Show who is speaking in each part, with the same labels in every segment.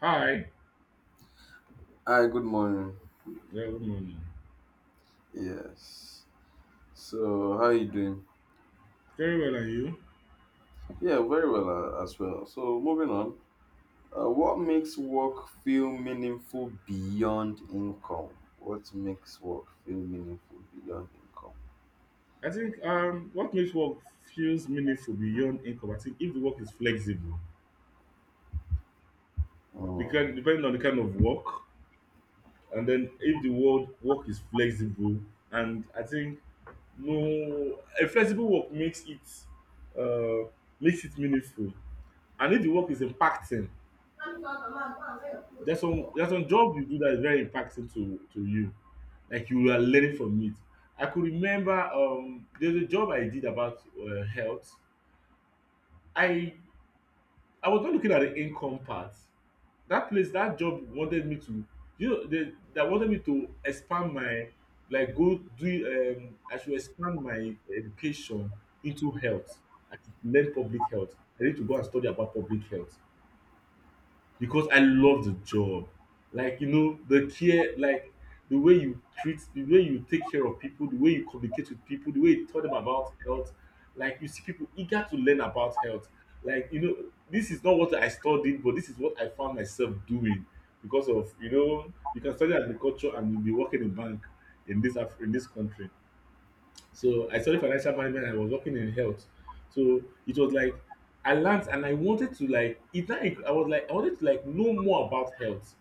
Speaker 1: Hi.
Speaker 2: Hi, good morning.
Speaker 1: Yeah, good morning.
Speaker 2: Yes. So, how you doing?
Speaker 1: Very well, and you?
Speaker 2: Yeah, very well as well. So, moving on. What makes work feel meaningful beyond income? What makes work feel meaningful beyond income?
Speaker 1: I think what makes work feels meaningful beyond income. I think if the work is flexible,
Speaker 2: Mm.
Speaker 1: because depending on the kind of work, and then if the word work is flexible, and I think no, a flexible work uh, makes it meaningful. And if the work is impacting, there's some job you do that is very impactful to you, like you are learning from it. I could remember, there's a job I did about health. I i was not looking at the income part. That place, that job wanted me to, you know, they that wanted me to expand my, like, go do, I should expand my education into health. I should learn public health. I need to go and study about public health because I love the job. Like, you know, the care, like the way you treat, the way you take care of people, the way you communicate with people, the way you tell them about health. Like, you see people eager to learn about health. Like, you know, this is not what I studied, but this is what I found myself doing because of, you know, you can study agriculture and you'll be working in bank in this in this country. So I studied financial management and I was working in health. So it was like I learned and I wanted to like it now. I was like I wanted to like know more about health.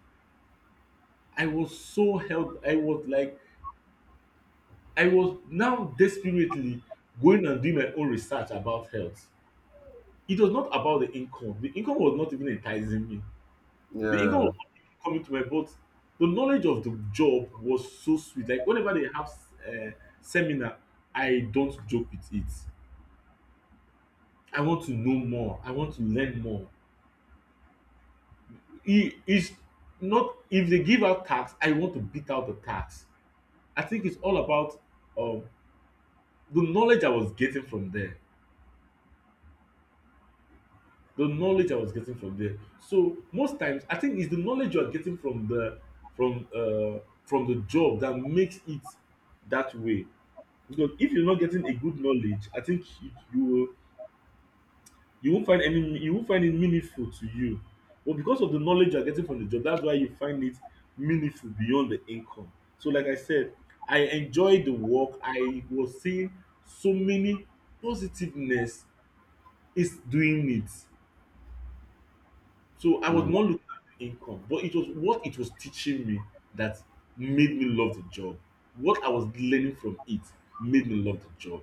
Speaker 1: I was so health I was like I was now desperately going and doing my own research about health. It was not about the income. The income was not even enticing me. The income
Speaker 2: Yeah.
Speaker 1: was not even coming to my boat. The knowledge of the job was so sweet. Like whenever they have uh, seminar, I don't joke with it. I want to know more. I want to learn more. It is not if they give out tax, I want to beat out the tax. I think it's all about um, the knowledge I was getting from there. The knowledge I was getting from there. So most times, I think it's the knowledge you are getting from uh, from the job that makes it that way. Because if you're not getting a good knowledge, I think you will, you won't find any, you won't find it meaningful to you, but because of the knowledge you are getting from the job, that's why you find it meaningful beyond the income. So like I said, I enjoy the work. I was seeing so many positiveness is doing it. So I was
Speaker 2: Mm.
Speaker 1: not looking at the income, but it was what it was teaching me that made me love the job. What I was learning from it made me love the job.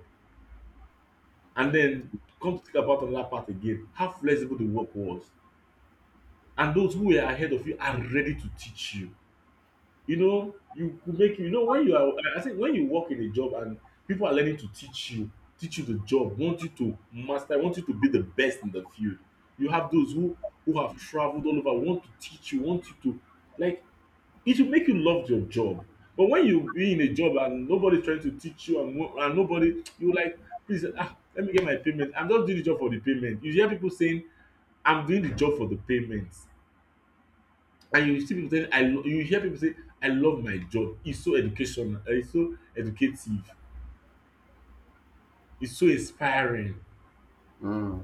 Speaker 1: And then come to think about another part again, how flexible the work was, and those who are ahead of you are ready to teach you. You know, you could make you know when you are. I think when you work in a job and people are learning to teach you the job, want you to master, want you to be the best in the field. You have those who have traveled all over, want to teach you, want you to like. It will make you love your job. But when you be in a job and nobody's trying to teach you and, and nobody, you like, please, ah, let me get my payment. I'm just doing the job for the payment. You hear people saying, I'm doing the job for the payments. And you see people saying I lo, you hear people say I love my job, it's so educational, it's so educative, it's so inspiring.
Speaker 2: Mm.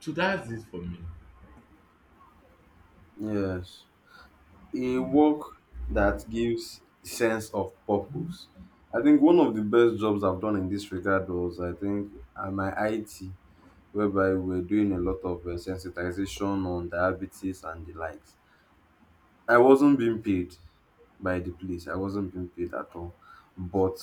Speaker 1: So that's it for me.
Speaker 2: Yes. A work that gives sense of purpose. I think one of the best jobs I've done in this regard was I think my IT, whereby we were doing a lot of sensitization on diabetes and the likes. I wasn't being paid by the place. I wasn't being paid at all. But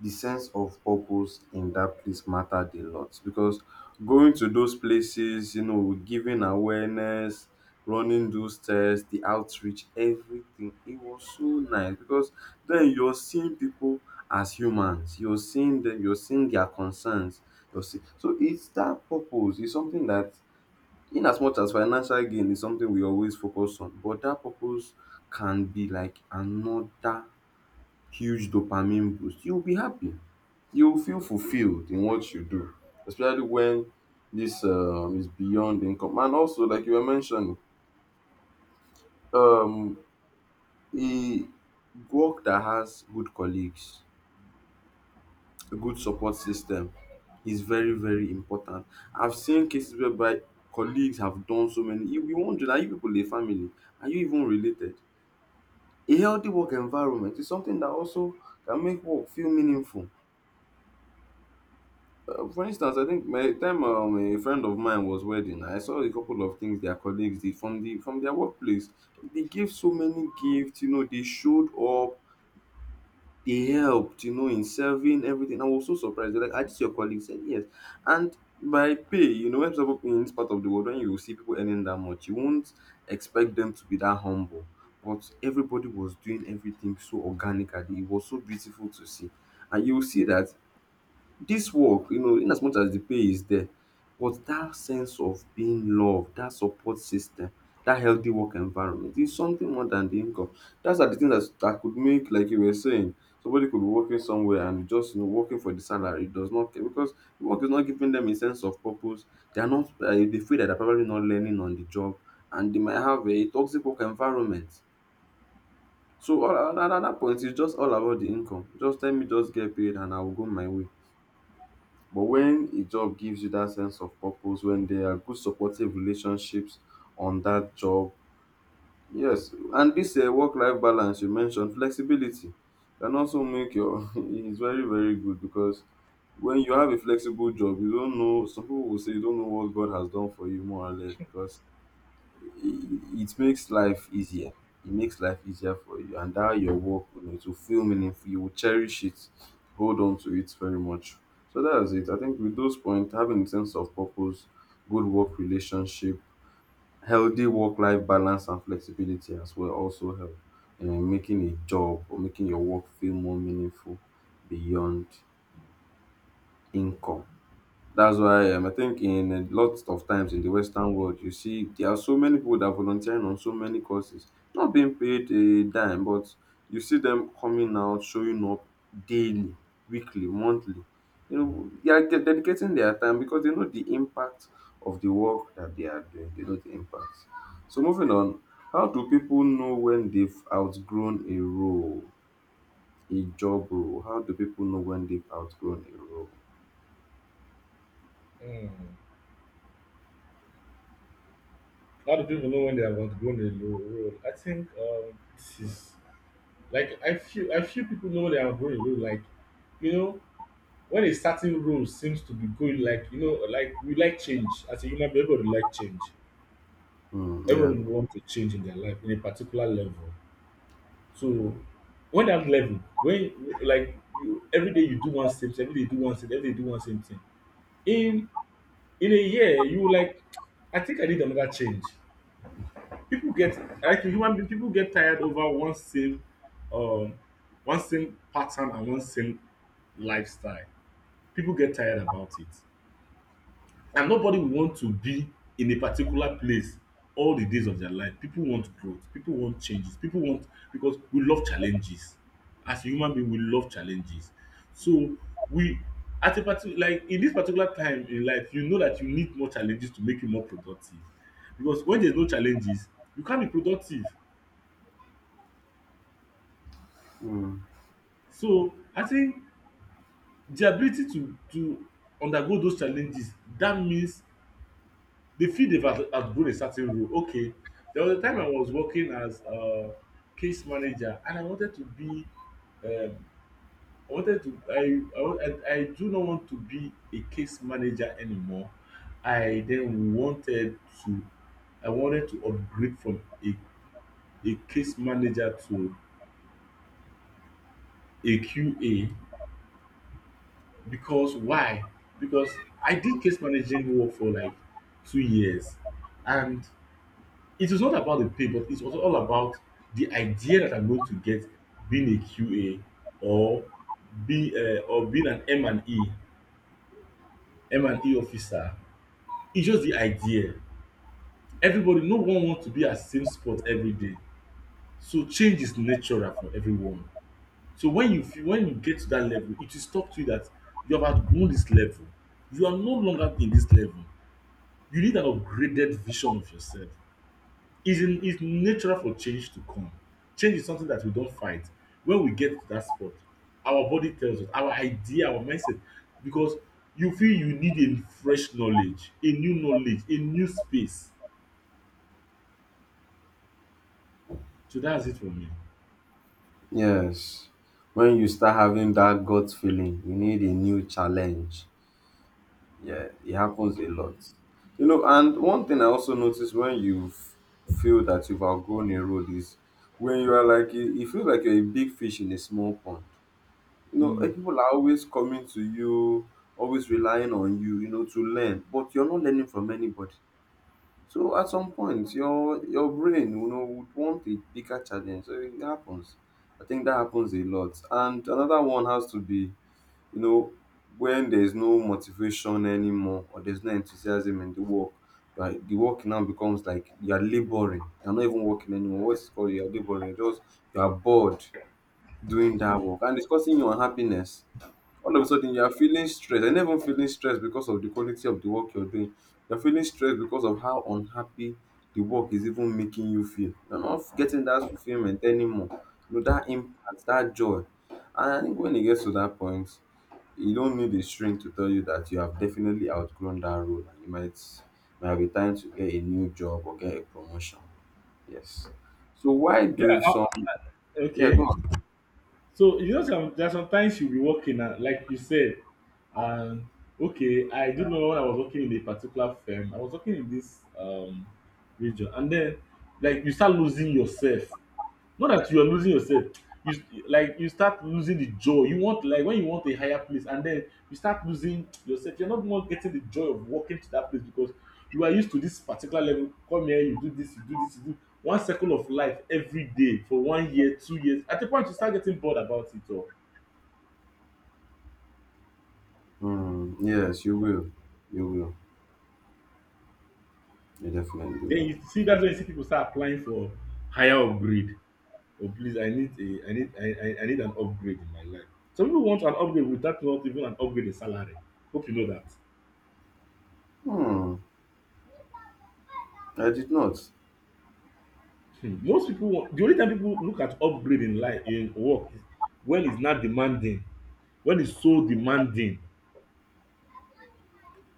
Speaker 2: the sense of purpose in that place mattered a lot because going to those places, you know, giving awareness, running those tests, the outreach, everything, it was so nice because then you're seeing people as humans, you're seeing them, you're seeing their concerns. So it's that purpose, it's something that in as much as financial gain is something we always focus on, but that purpose can be like another huge dopamine boost. You'll be happy. You'll feel fulfilled in what you do, especially when this is beyond income. And also, like you were mentioning, um, a work that has good colleagues, a good support system is very, very important. I've seen cases whereby colleagues have done so many. You wonder, are you people a family? Are you even related? A healthy work environment is something that also can make work feel meaningful. For instance, I think by the time a friend of mine was wedding, I saw a couple of things their colleagues did from their workplace. They gave so many gifts, you know, they showed up, they helped, you know, in serving everything. I was so surprised. They're like, are these your colleagues? Said, yes. And by pay, you know, when people in this part of the world, when you see people earning that much, you won't expect them to be that humble. But everybody was doing everything so organically. It was so beautiful to see. And you will see that this work, you know, in as much as the pay is there, but that sense of being loved, that support system, that healthy work environment is something more than the income. That's are the thing that's, that could make, like you were saying, somebody could be working somewhere and just, you know, working for the salary does not care because the work is not giving them a sense of purpose. They are not, they feel that they're probably not learning on the job and they might have a toxic work environment. So all, at that point, it's just all about the income. Just let me just get paid and I will go my way. But when a job gives you that sense of purpose, when there are good supportive relationships on that job, yes. And this work-life balance you mentioned, flexibility can also make your it's very, very good because when you have a flexible job, you don't know. Some people will say you don't know what God has done for you more or less because it makes life easier. It makes life easier for you, and that your work, you know, it will feel meaningful. You will cherish it, hold on to it very much. So that is it. I think with those points, having a sense of purpose, good work relationship, healthy work-life balance, and flexibility as well also help in making a job or making your work feel more meaningful beyond income. That's why I think in a lot of times in the Western world, you see there are so many people that are volunteering on so many causes, not being paid a dime, but you see them coming out, showing up daily, weekly, monthly. You know, they are dedicating their time because they know the impact of the work that they are doing. They know the impact. So moving on, how do people know when they've outgrown a role, a job role? How do people know when they've outgrown a role?
Speaker 1: Mm. How do people know when they have outgrown a role? I think this is like I feel people know when they have outgrown a role. Like you know when a certain role seems to be going, like you know, like we like change as a human being. Everybody like change.
Speaker 2: Hmm, yeah.
Speaker 1: Everybody want to change in their life in a particular level. So when dat level when like you everyday you do one same thing, everyday you do one same thing, everyday you do one same thing in in a year you will like, I think I need another change. Pipu get, like human being pipu get tired over um one same pattern and one same lifestyle. Pipu get tired about it. And nobody will want to be in a particular place all the days of their life. People want growth, people want changes, people want because we love challenges. As a human being, we love challenges. So we at a parti like in this particular time in life, you know that you need more challenges to make you more productive. Because when there's no challenges, you can't be productive.
Speaker 2: Hmm.
Speaker 1: So I think the ability to undergo those challenges, that means the field have outgrown a certain role. Okay, there was a time I was working as a case manager, and I wanted to be. Um, I wanted to. I do not want to be a case manager anymore. I then wanted to. I wanted to upgrade from a case manager to a QA. Because why? Because I did case managing work for like 2 years, and it is not about the pay, but it's also all about the idea that I'm going to get being a QA or be or being an M and E officer. It's just the idea. Everybody, no one wants to be at the same spot every day. So change is natural for everyone. So when you feel when you get to that level, it will stop to you that you have outgrown this level. You are no longer in this level. You need an upgraded vision of yourself. It's, in, it's natural for change to come. Change is something that we don't fight. When we get to that spot, our body tells us, our idea, our mindset, because you feel you need a fresh knowledge, a new space. So that's it for me.
Speaker 2: Yes. When you start having that gut feeling, you need a new challenge. Yeah, it happens a lot. You know, and one thing I also notice when you feel that you've outgrown a road is when you are like, you feel like you're a big fish in a small pond. You know,
Speaker 1: Mm.
Speaker 2: eh, people are always coming to you, always relying on you, you know, to learn, but you're not learning from anybody. So at some point, your brain, you know, would want a bigger challenge. So it happens. I think that happens a lot. And another one has to be, you know, when there's no motivation anymore or there's no enthusiasm in the work, right? The work now becomes like you're laboring. You're not even working anymore. What's it called? You're laboring. You're bored doing that work. And it's causing you unhappiness. All of a sudden you are feeling stressed and even feeling stressed because of the quality of the work you're doing. You're feeling stressed because of how unhappy the work is even making you feel. You're not getting that fulfillment anymore, you know, that impact, that joy. And I think when it gets to that point, you don't need a string to tell you that you have definitely outgrown that role, and you might be time to get a new job or get a promotion. Yes. So why
Speaker 1: Yeah.
Speaker 2: do some, yeah, go
Speaker 1: Okay.
Speaker 2: on.
Speaker 1: So you know, some there are sometimes you'll be working, and like you said, um, okay, I do remember when I was working in a particular firm. I was working in this region, and then like you start losing yourself. Not that you are losing yourself. You like you start losing the joy. You want like when you want a higher place, and then you start losing yourself. You're not more getting the joy of walking to that place because you are used to this particular level. Come here, you do this, you do this, you do one circle of life every day for 1 year, 2 years. At a point, you start getting bored about it all.
Speaker 2: Hmm, yes you will, you will you definitely
Speaker 1: Then
Speaker 2: will.
Speaker 1: you see that's when you see people start applying for higher upgrade. Oh please, I need a I need I need an upgrade in my life. Some people want an upgrade without not even an upgrade in salary. Hope you know that.
Speaker 2: Hmm. I did not.
Speaker 1: Hmm, most people want, the only time people look at upgrade in life in work is when it's not demanding, when it's so demanding.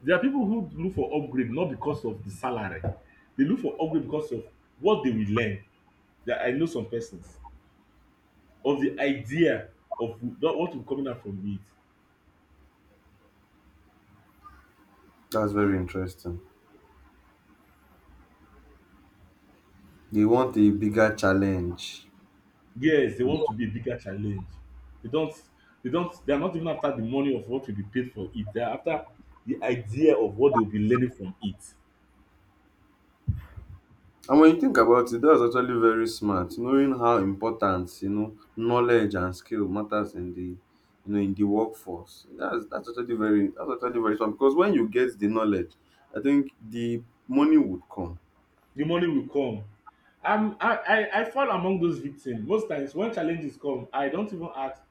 Speaker 1: There are people who look for upgrade not because of the salary. They look for upgrade because of what they will learn. That I know some persons of the idea of that what will coming out from it.
Speaker 2: That's very interesting. They want a bigger challenge.
Speaker 1: Yes, they want to be a bigger challenge. they don't they are not even after the money of what will be paid for it. They are after the idea of what they will be learning from it.
Speaker 2: And when you think about it, that's actually very smart. Knowing how important, you know, knowledge and skill matters in the, you know, in the workforce. That's actually very that's actually very smart because when you get the knowledge, I think the money would come.
Speaker 1: The money will come. I'm, I fall among those victims. Most times when challenges come, I don't even ask,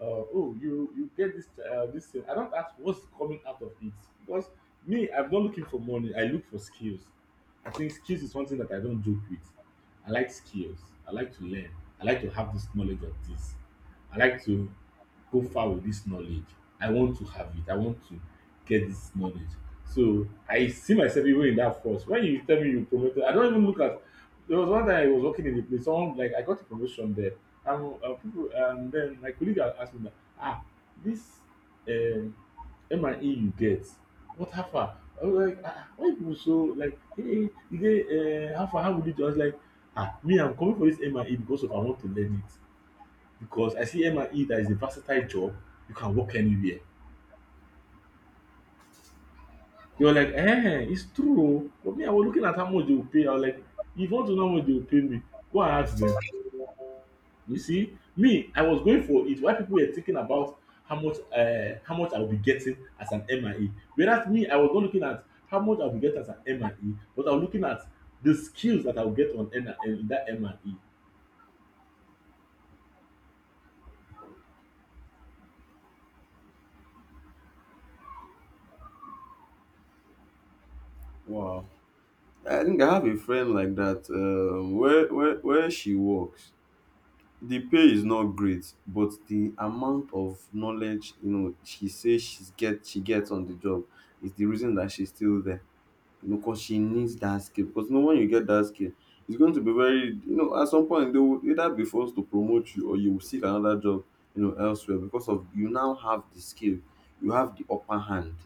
Speaker 1: uh, oh, you get this this thing. I don't ask what's coming out of it because me, I'm not looking for money. I look for skills. I think skills is something that I don't joke with. I like skills. I like to learn. I like to have this knowledge of this. I like to go far with this knowledge. I want to have it. I want to get this knowledge. So I see myself even in that force. When you tell me you promoted, I don't even look at. There was one time I was working in a place. Someone like I got a promotion there, and people, and then my colleague had asked me that, ah, this um, M&E you get, what hafa? I was like, ah, ah, why people so like, hey, you dey hafa? How would you do? I was like, me, I'm coming for this M and E because of I want to learn it because I see M and E that is a versatile job. You can work anywhere. They were like, "Ehen, it's true oh." But me, I was looking at how much they will pay. I was like, if you want to know how much they will pay me, go and ask them. You see, me, I was going for it while people were thinking about how much I will be getting as an MIA. Whereas me, I was not looking at how much I will be getting as an MIA, but I was looking at the skills that I will get in that MIA.
Speaker 2: Wow. I think I have a friend like that, where where she works. The pay is not great, but the amount of knowledge, you know, she says she gets on the job is the reason that she's still there, you know, because she needs that skill. Because you know, when you get that skill, it's going to be very, you know, at some point they will either be forced to promote you or you will seek another job, you know, elsewhere, because of you now have the skill, you have the upper hand.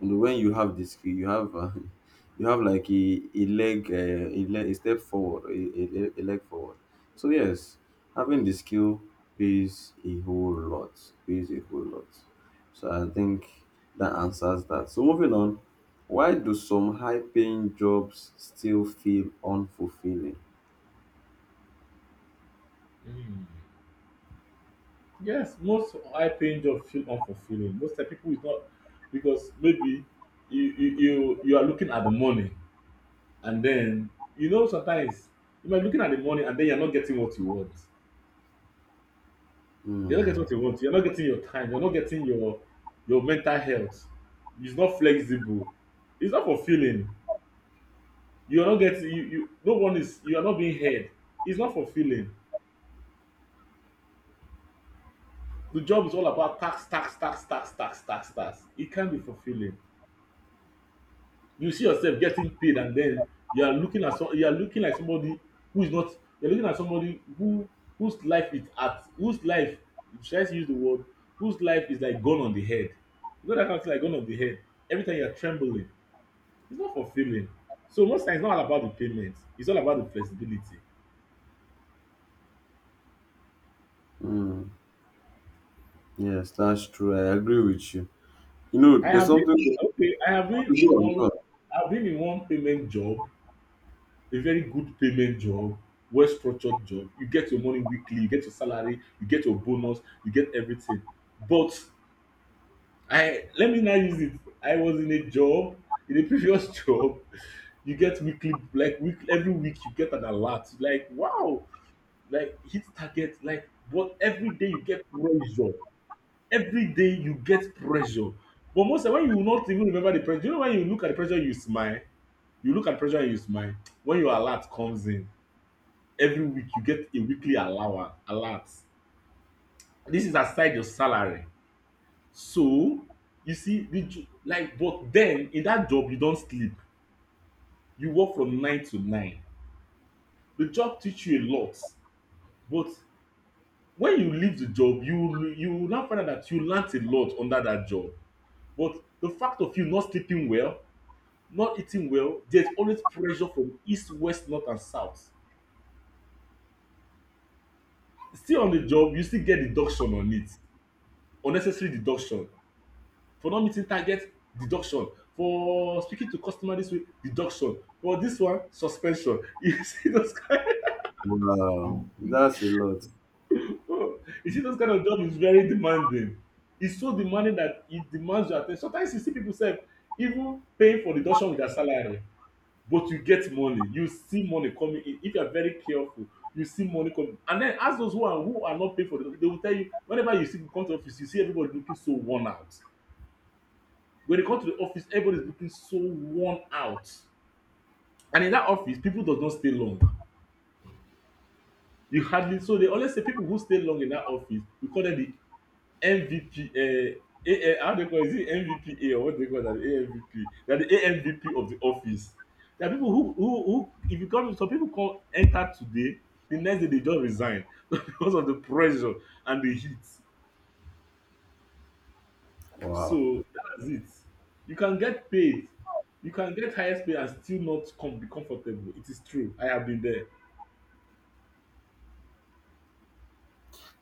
Speaker 2: You know when you have the skill, you have you have like a leg a leg, a step forward, a leg forward. So yes, having the skill pays a whole lot. Pays a whole lot. So I think that answers that. So moving on, why do some high-paying jobs still feel unfulfilling?
Speaker 1: Mm. Yes, most high paying job feel unfulfilling. Most of the people is not because maybe you are looking at the money. And then, sometimes you might be looking at the money and then you're not getting what you want. You're not getting
Speaker 2: Hmm,
Speaker 1: what you want. You're not getting your time. You're not getting your mental health. It's not flexible. It's not fulfilling. You're not getting you no one is you are not being heard. It's not fulfilling. The job is all about tax, tax, tax, tax, tax, tax, tax. It can not be fulfilling. You see yourself getting paid and then you are looking at some you are looking like somebody who is not you are looking at somebody who whose life is at whose life should I use the word whose life is like gone on the head. You know that kind of thing like gone on the head. Every time you are trembling, it's not fulfilling. So most times it's not all about the payment, it's all about the flexibility.
Speaker 2: hmm. Yes, that's true. I agree with you. You know,
Speaker 1: I
Speaker 2: there's
Speaker 1: have been
Speaker 2: something.
Speaker 1: okay
Speaker 2: Go on, go on.
Speaker 1: I have been in one payment job, a very good payment job, well structured job. You get your money weekly, you get your salary, you get your bonus, you get everything. But I let me now use it. I was in a job, in a previous job, you get weekly like week every week you get an alert. Like wow, like hit target, like but every day you get pressure. Every day you get pressure. But most of the time, when you will not even remember the pressure, you know when you look at the pressure, you smile. You look at pressure and you smile. When your alert comes in, every week you get a weekly allowance alert. This is aside your salary. So you see like but then in that job you don sleep. You work from nine to nine. The job teach you a lot. But when you leave the job you you will now find out that you learnt a lot under that job, but the fact of you not sleeping well, not eating well, there's always pressure from east, west, north and south. Still on the job you still get deduction on it. Unnecessary deduction for not meeting target. Deduction for speaking to customer this way. Deduction for this one, suspension, you see those kind
Speaker 2: Wow, that's a lot.
Speaker 1: of oh, you see those kind of job is very demanding. It's so demanding that it demands your at ten tion. Sometimes you see people sef even paying for deduction with their salary. But you get money, you see money coming in if you are very careful. You see money coming and then ask those who are not paying for deduction, they will tell you whenever you see come to office you see everybody looking so worn out. When you come to the office everybody is looking so worn out. And in that office, people does not stay long. You hardly, so they always say people who stay long in that office, we call them the MVP. A, how they call it? Is it MVPA or what they call that? AMVP. They are the AMVP of the office. There are people who if you come some people come enter today, the next day they just resign because of the pressure and the heat.
Speaker 2: Wow.
Speaker 1: So that's it. You can get paid. You can get highest pay and still not come be comfortable. It is true. I have been there.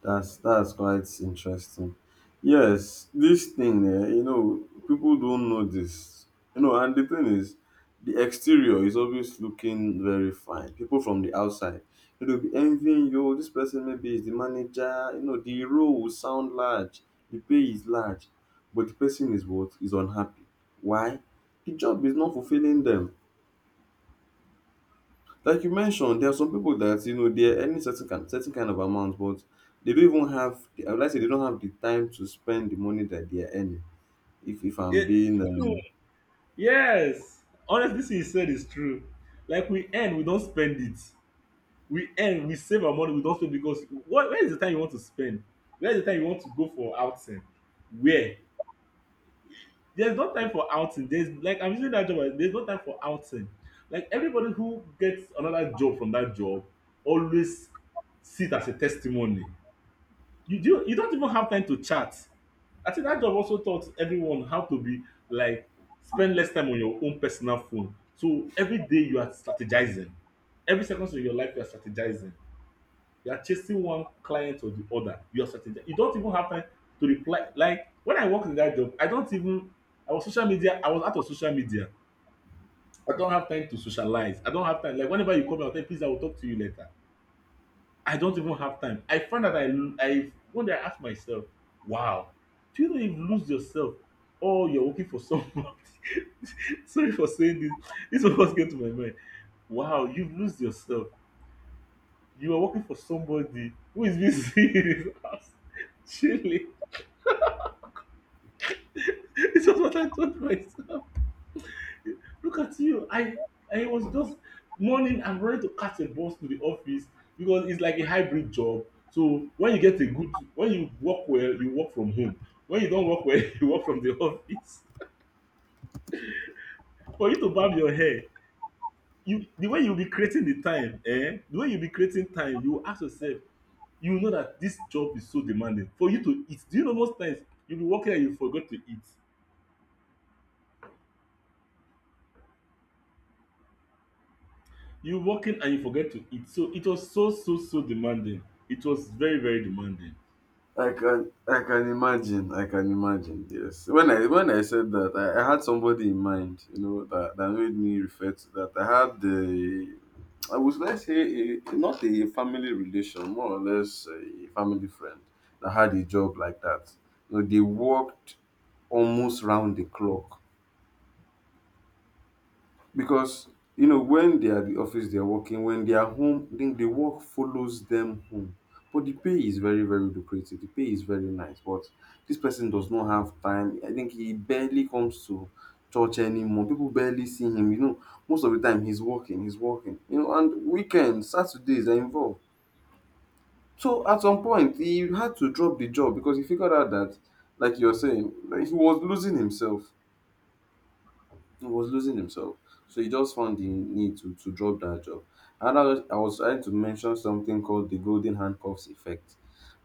Speaker 2: That's quite interesting. Yes, this thing, eh, you know, people don't know this. You know, and the thing is, the exterior is always looking very fine. People from the outside, you know, be envying you. "Oh, this person maybe is the manager. You know, the role will sound large, the pay is large, but the person is what is unhappy. Why? The job is not fulfilling them. Like you mentioned, there are some people that you know they're earning certain kind of amount, but they don't even have. I would like to say they don't have the time to spend the money that they are earning. If I'm
Speaker 1: It,
Speaker 2: being
Speaker 1: Yes, honestly thing you said is true. Like we earn, we don't spend it. We earn, we save our money, we don't spend because what where is the time you want to spend? Where is the time you want to go for outing? Where? There's no time for outing. There's like I'm using that job. There's no time for outing. Like everybody who gets another job from that job always sit as a testimony. You don't even have time to chat. I think that job also taught everyone how to be like spend less time on your own personal phone. So every day you are strategizing. Every second of your life you are strategizing. You are chasing one client or the other. You are strategizing. You don't even have time to reply. Like when I worked in that job, I don't even I was out of social media. I don't have time to socialize. I don't have time. Like whenever you call me, I'll tell you, please, I will talk to you later. I don't even have time. I find that I one day I ask myself, wow, do you know you've lose yourself? Oh, you're working for someone? Sorry for saying this. This was what came to my mind. Wow, you've lose yourself. You are working for somebody who is busy in his house, chilling. This is what I told myself. Look at you. I was just morning, I'm ready to catch a bus to the office because it's like a hybrid job. So when you get a good when you work well, you work from home. When you don't work well, you work from the office. For you to barb your hair, you the way you'll be creating the time, eh? The way you'll be creating time, you will ask yourself, you know that this job is so demanding. For you to eat, do you know most times you'll be working and you forget to eat. You're working and you forget to eat. So it was so so so demanding. It was very, very demanding.
Speaker 2: I can imagine. I can imagine. Yes. When I said that, I had somebody in mind. You know that that made me refer to that. I had the, I was, let's say a, not a family relation, more or less a family friend that had a job like that. You know, they worked almost round the clock because you know when they are at the office, they are working. When they are home, then the work follows them home. But the pay is very, very lucrative. The pay is very nice. But this person does not have time. I think he barely comes to church anymore. People barely see him. You know, most of the time he's working, he's working. You know, and weekends, Saturdays are involved. So at some point he had to drop the job because he figured out that, like you're saying, like he was losing himself. So he just found the need to drop that job. And I was trying to mention something called the golden handcuffs effect.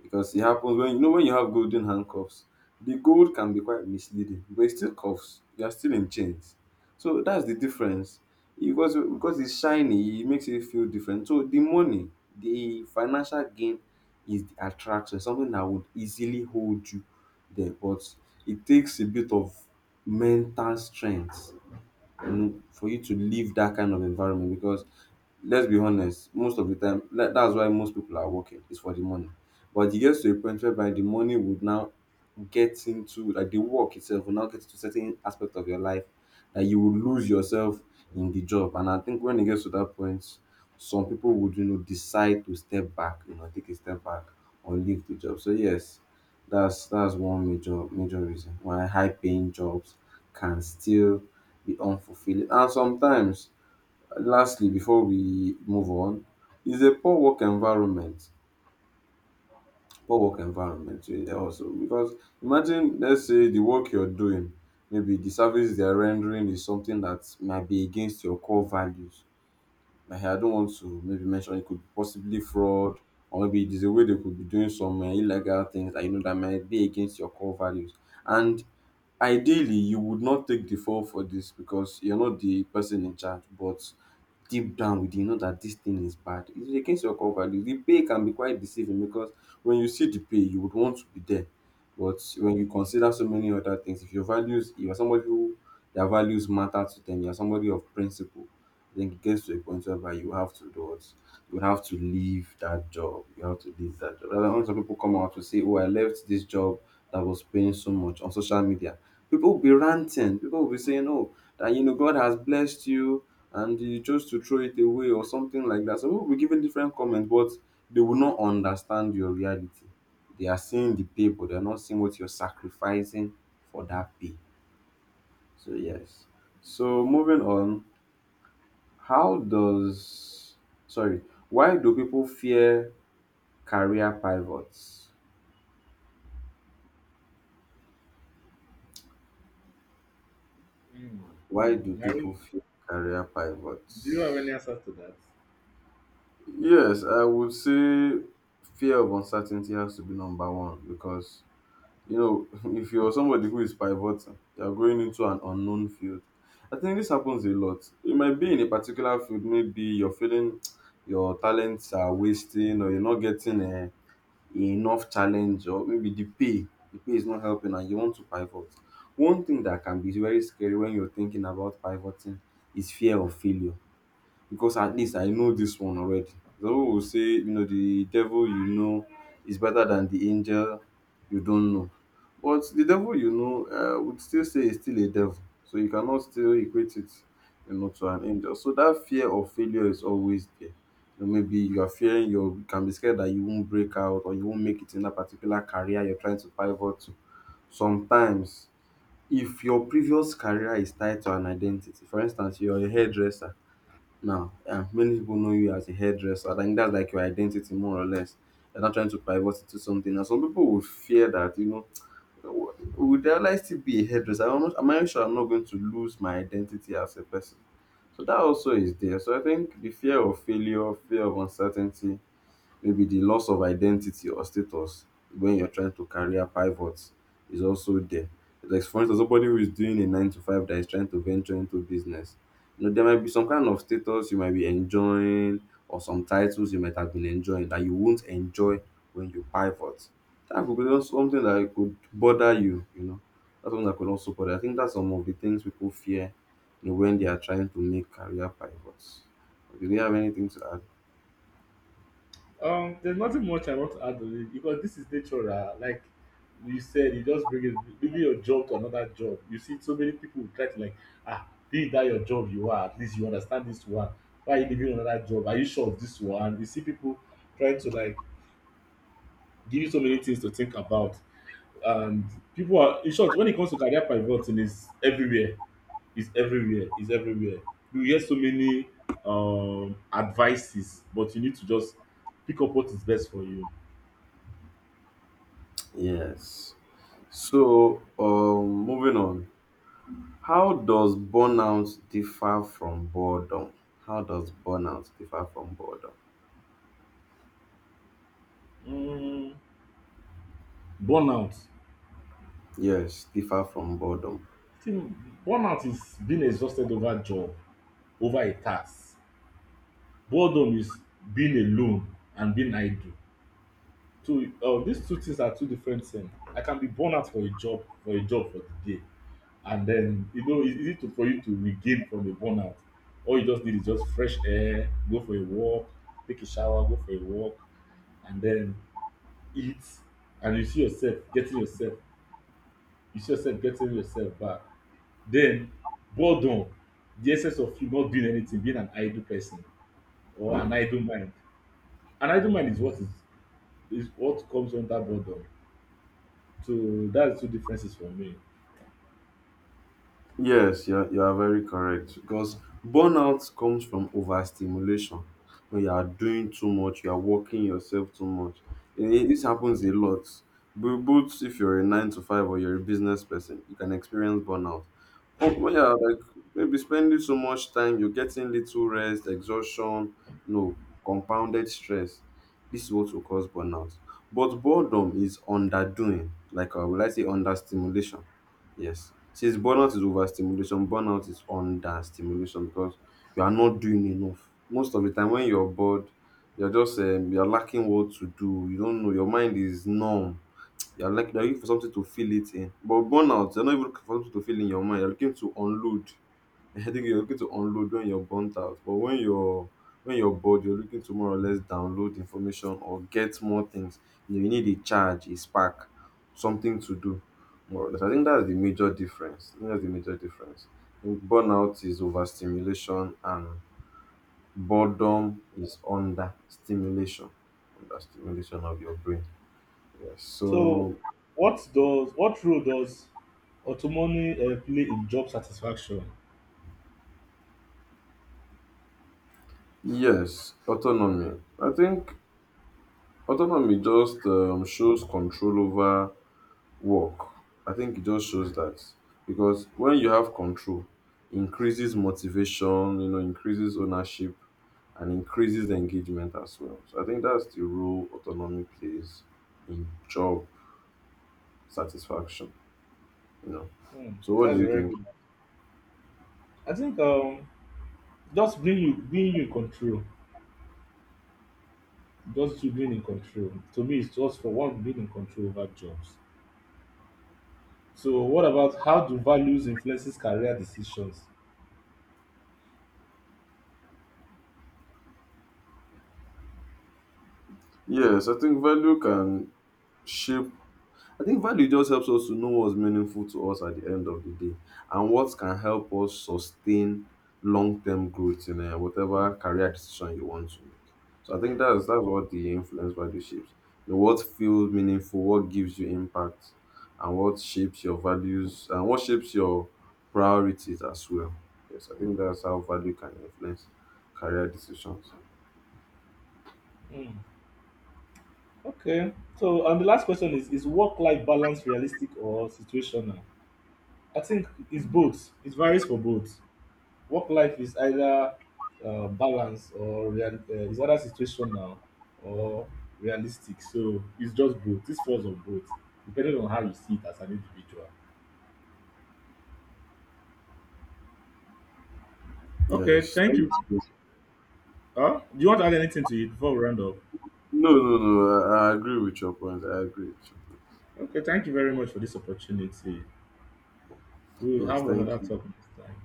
Speaker 2: Because it happens when you know when you have golden handcuffs, the gold can be quite misleading, but it's still cuffs. You are still in chains. So that's the difference. Because it's shiny, it makes you feel different. So the money, the financial gain is the attraction, something that would easily hold you there. But it takes a bit of mental strength and for you to leave that kind of environment because let's be honest, most of the time that's why most people are working is for the money. But it gets to a point whereby the money would now get into like the work itself will now get into certain aspect of your life that you will lose yourself in the job. And I think when it gets to that point, some people would decide to step back, you know, take a step back or leave the job. So yes, that's one major reason why high paying jobs can still be unfulfilling. And sometimes, lastly, before we move on, is a poor work environment. Poor work environment also because imagine let's say the work you're doing, maybe the service they're rendering is something that might be against your core values. I don't want to maybe mention it could be possibly fraud, or maybe it is a way they could be doing some illegal things that you know that might be against your core values. And ideally, you would not take the fall for this because you're not the person in charge, but deep down within you know that this thing is bad. It is against your core values. The pay can be quite deceiving because when you see the pay, you would want to be there. But when you consider so many other things, if your values, you are somebody who their values matter to them, you are somebody of principle, then it gets to a point whereby you have to do what? You have to leave that job. You have to leave that job. That's why some people come out to say, "Oh, I left this job that was paying so much on social media." People will be ranting. People will be saying, "Oh, that you know, God has blessed you and you chose to throw it away," or something like that. So people will be giving different comments, but they will not understand your reality. They are seeing the pay, but they're not seeing what you're sacrificing for that pay. So yes. So moving on, how does sorry, why do people fear career pivots?
Speaker 1: Mm.
Speaker 2: Why do people
Speaker 1: Mary,
Speaker 2: fear career
Speaker 1: do you have any
Speaker 2: pivots?
Speaker 1: answer to that?
Speaker 2: Yes, I would say fear of uncertainty has to be number one because you know if you're somebody who is pivoting, you're going into an unknown field. I think this happens a lot. You might be in a particular field, maybe you're feeling your talents are wasting or you're not getting enough challenge or maybe the pay is not helping and you want to pivot. One thing that can be very scary when you're thinking about pivoting is fear of failure because at least I know this one already. The people will say, you know, the devil you know is better than the angel you don't know. But the devil you know, would still say is still a devil. So you cannot still equate it, you know, to an angel. So that fear of failure is always there. You know, maybe you are fearing you can be scared that you won't break out or you won't make it in that particular career you're trying to pivot to. Sometimes, if your previous career is tied to an identity, for instance, you're a hairdresser now. Yeah, many people know you as a hairdresser. I think that's like your identity, more or less. You're not trying to pivot it to something. And some people would fear that, you know, would I like to be a hairdresser? I'm, not, am I sure I'm not going to lose my identity as a person? So that also is there. So I think the fear of failure, fear of uncertainty, maybe the loss of identity or status when you're trying to career pivot is also there. Like for instance, somebody who is doing a nine to five that is trying to venture into business. You know, there might be some kind of status you might be enjoying or some titles you might have been enjoying that you won't enjoy when you pivot. That could be also something that could bother you, you know. That's something that could also bother. I think that's some of the things people fear, you know, when they are trying to make career pivots. Okay, do you have anything to add?
Speaker 1: There's nothing much I want to add on it because this is natural. Like you said, you just bring it, leaving your job to another job. You see, so many people will try to like, ah, be that your job you are. At least you understand this one. Why are you leaving another job? Are you sure of this one? You see people trying to like give you so many things to think about. And people are, in short, when it comes to career pivoting, is everywhere. Is everywhere, is everywhere. You hear so many advices but you need to just pick up what is best for you.
Speaker 2: Yes. So, moving on, how does burnout differ from boredom? How does burnout differ from boredom?
Speaker 1: Mm. Burnout.
Speaker 2: Yes, differ from boredom.
Speaker 1: I think burnout is being exhausted over job, over a task. Boredom is being alone and being idle. So these two things are two different thing. I can be burn out for a job for the day, and then you know it's easy to for you to regain from a burnout. All you just need is just fresh air, go for a walk, take a shower, go for a walk and then eat, and you see yourself getting yourself, you see yourself getting yourself back. Then boredom, the essence of you not doing anything, being an idle person or an idle mind. An idle mind is what comes under boredom. So that's two differences for me.
Speaker 2: Yes, you are very correct because burnout comes from overstimulation. When you are doing too much, you are working yourself too much. This happens a lot. Both if you're a nine to five or you're a business person, you can experience burnout. When you're like maybe spending so much time, you're getting little rest, exhaustion, no compounded stress. This is what will cause burnout. But boredom is underdoing, like will I say, under stimulation. Yes. Since burnout is overstimulation, burnout is understimulation because you are not doing enough. Most of the time, when you're bored, you're just you're lacking what to do. You don't know. Your mind is numb. You're like you're looking for something to fill it in. But burnout, you're not even looking for something to fill in your mind. You're looking to unload. I think you're looking to unload when you're burnt out, but when you're bored, you're looking to more or less download information or get more things. You, know, you need a charge, a spark, something to do. More or less. I think that's the major difference. I think that's the major difference. I think burnout is overstimulation and boredom is understimulation, understimulation of your brain. Yes.
Speaker 1: So
Speaker 2: So
Speaker 1: what role does autonomy play in job satisfaction?
Speaker 2: yes, autonomy. I think autonomy just shows control over work. I think it just shows that because when you have control, increases motivation, you know, increases ownership and increases engagement as well. So I think that's the role autonomy plays in job satisfaction, you know.
Speaker 1: Hmm,
Speaker 2: So what do
Speaker 1: that's a
Speaker 2: you
Speaker 1: very
Speaker 2: think?
Speaker 1: good one. I think just being you in control, just you being in control. To me, it's just for one being in control over jobs. So what about how do values influences career decisions?
Speaker 2: Yes, I think value can shape I think value just helps us to know what's meaningful to us at the end of the day and what can help us sustain long-term growth in whatever career decision you want to make. So I think that's what the influence value shapes. You know, what feels meaningful, what gives you impact, and what shapes your values and what shapes your priorities as well. Yes, I think that's how value can influence career decisions.
Speaker 1: Hmm, okay. So and the last question is work life balance realistic or situational? I think it's both. It varies for both. Work life is either is either situational or realistic. So it's just both. This falls on both, depending on how you see it as an individual. Okay,
Speaker 2: Yes.
Speaker 1: thank
Speaker 2: Thank
Speaker 1: you.
Speaker 2: you.
Speaker 1: Do you want to add anything to it before we round up?
Speaker 2: No, no, no. I agree with your point. I agree with your point.
Speaker 1: Okay, thank you very much for this opportunity. We will
Speaker 2: Yes,
Speaker 1: have
Speaker 2: thank
Speaker 1: another
Speaker 2: you.
Speaker 1: talk next time.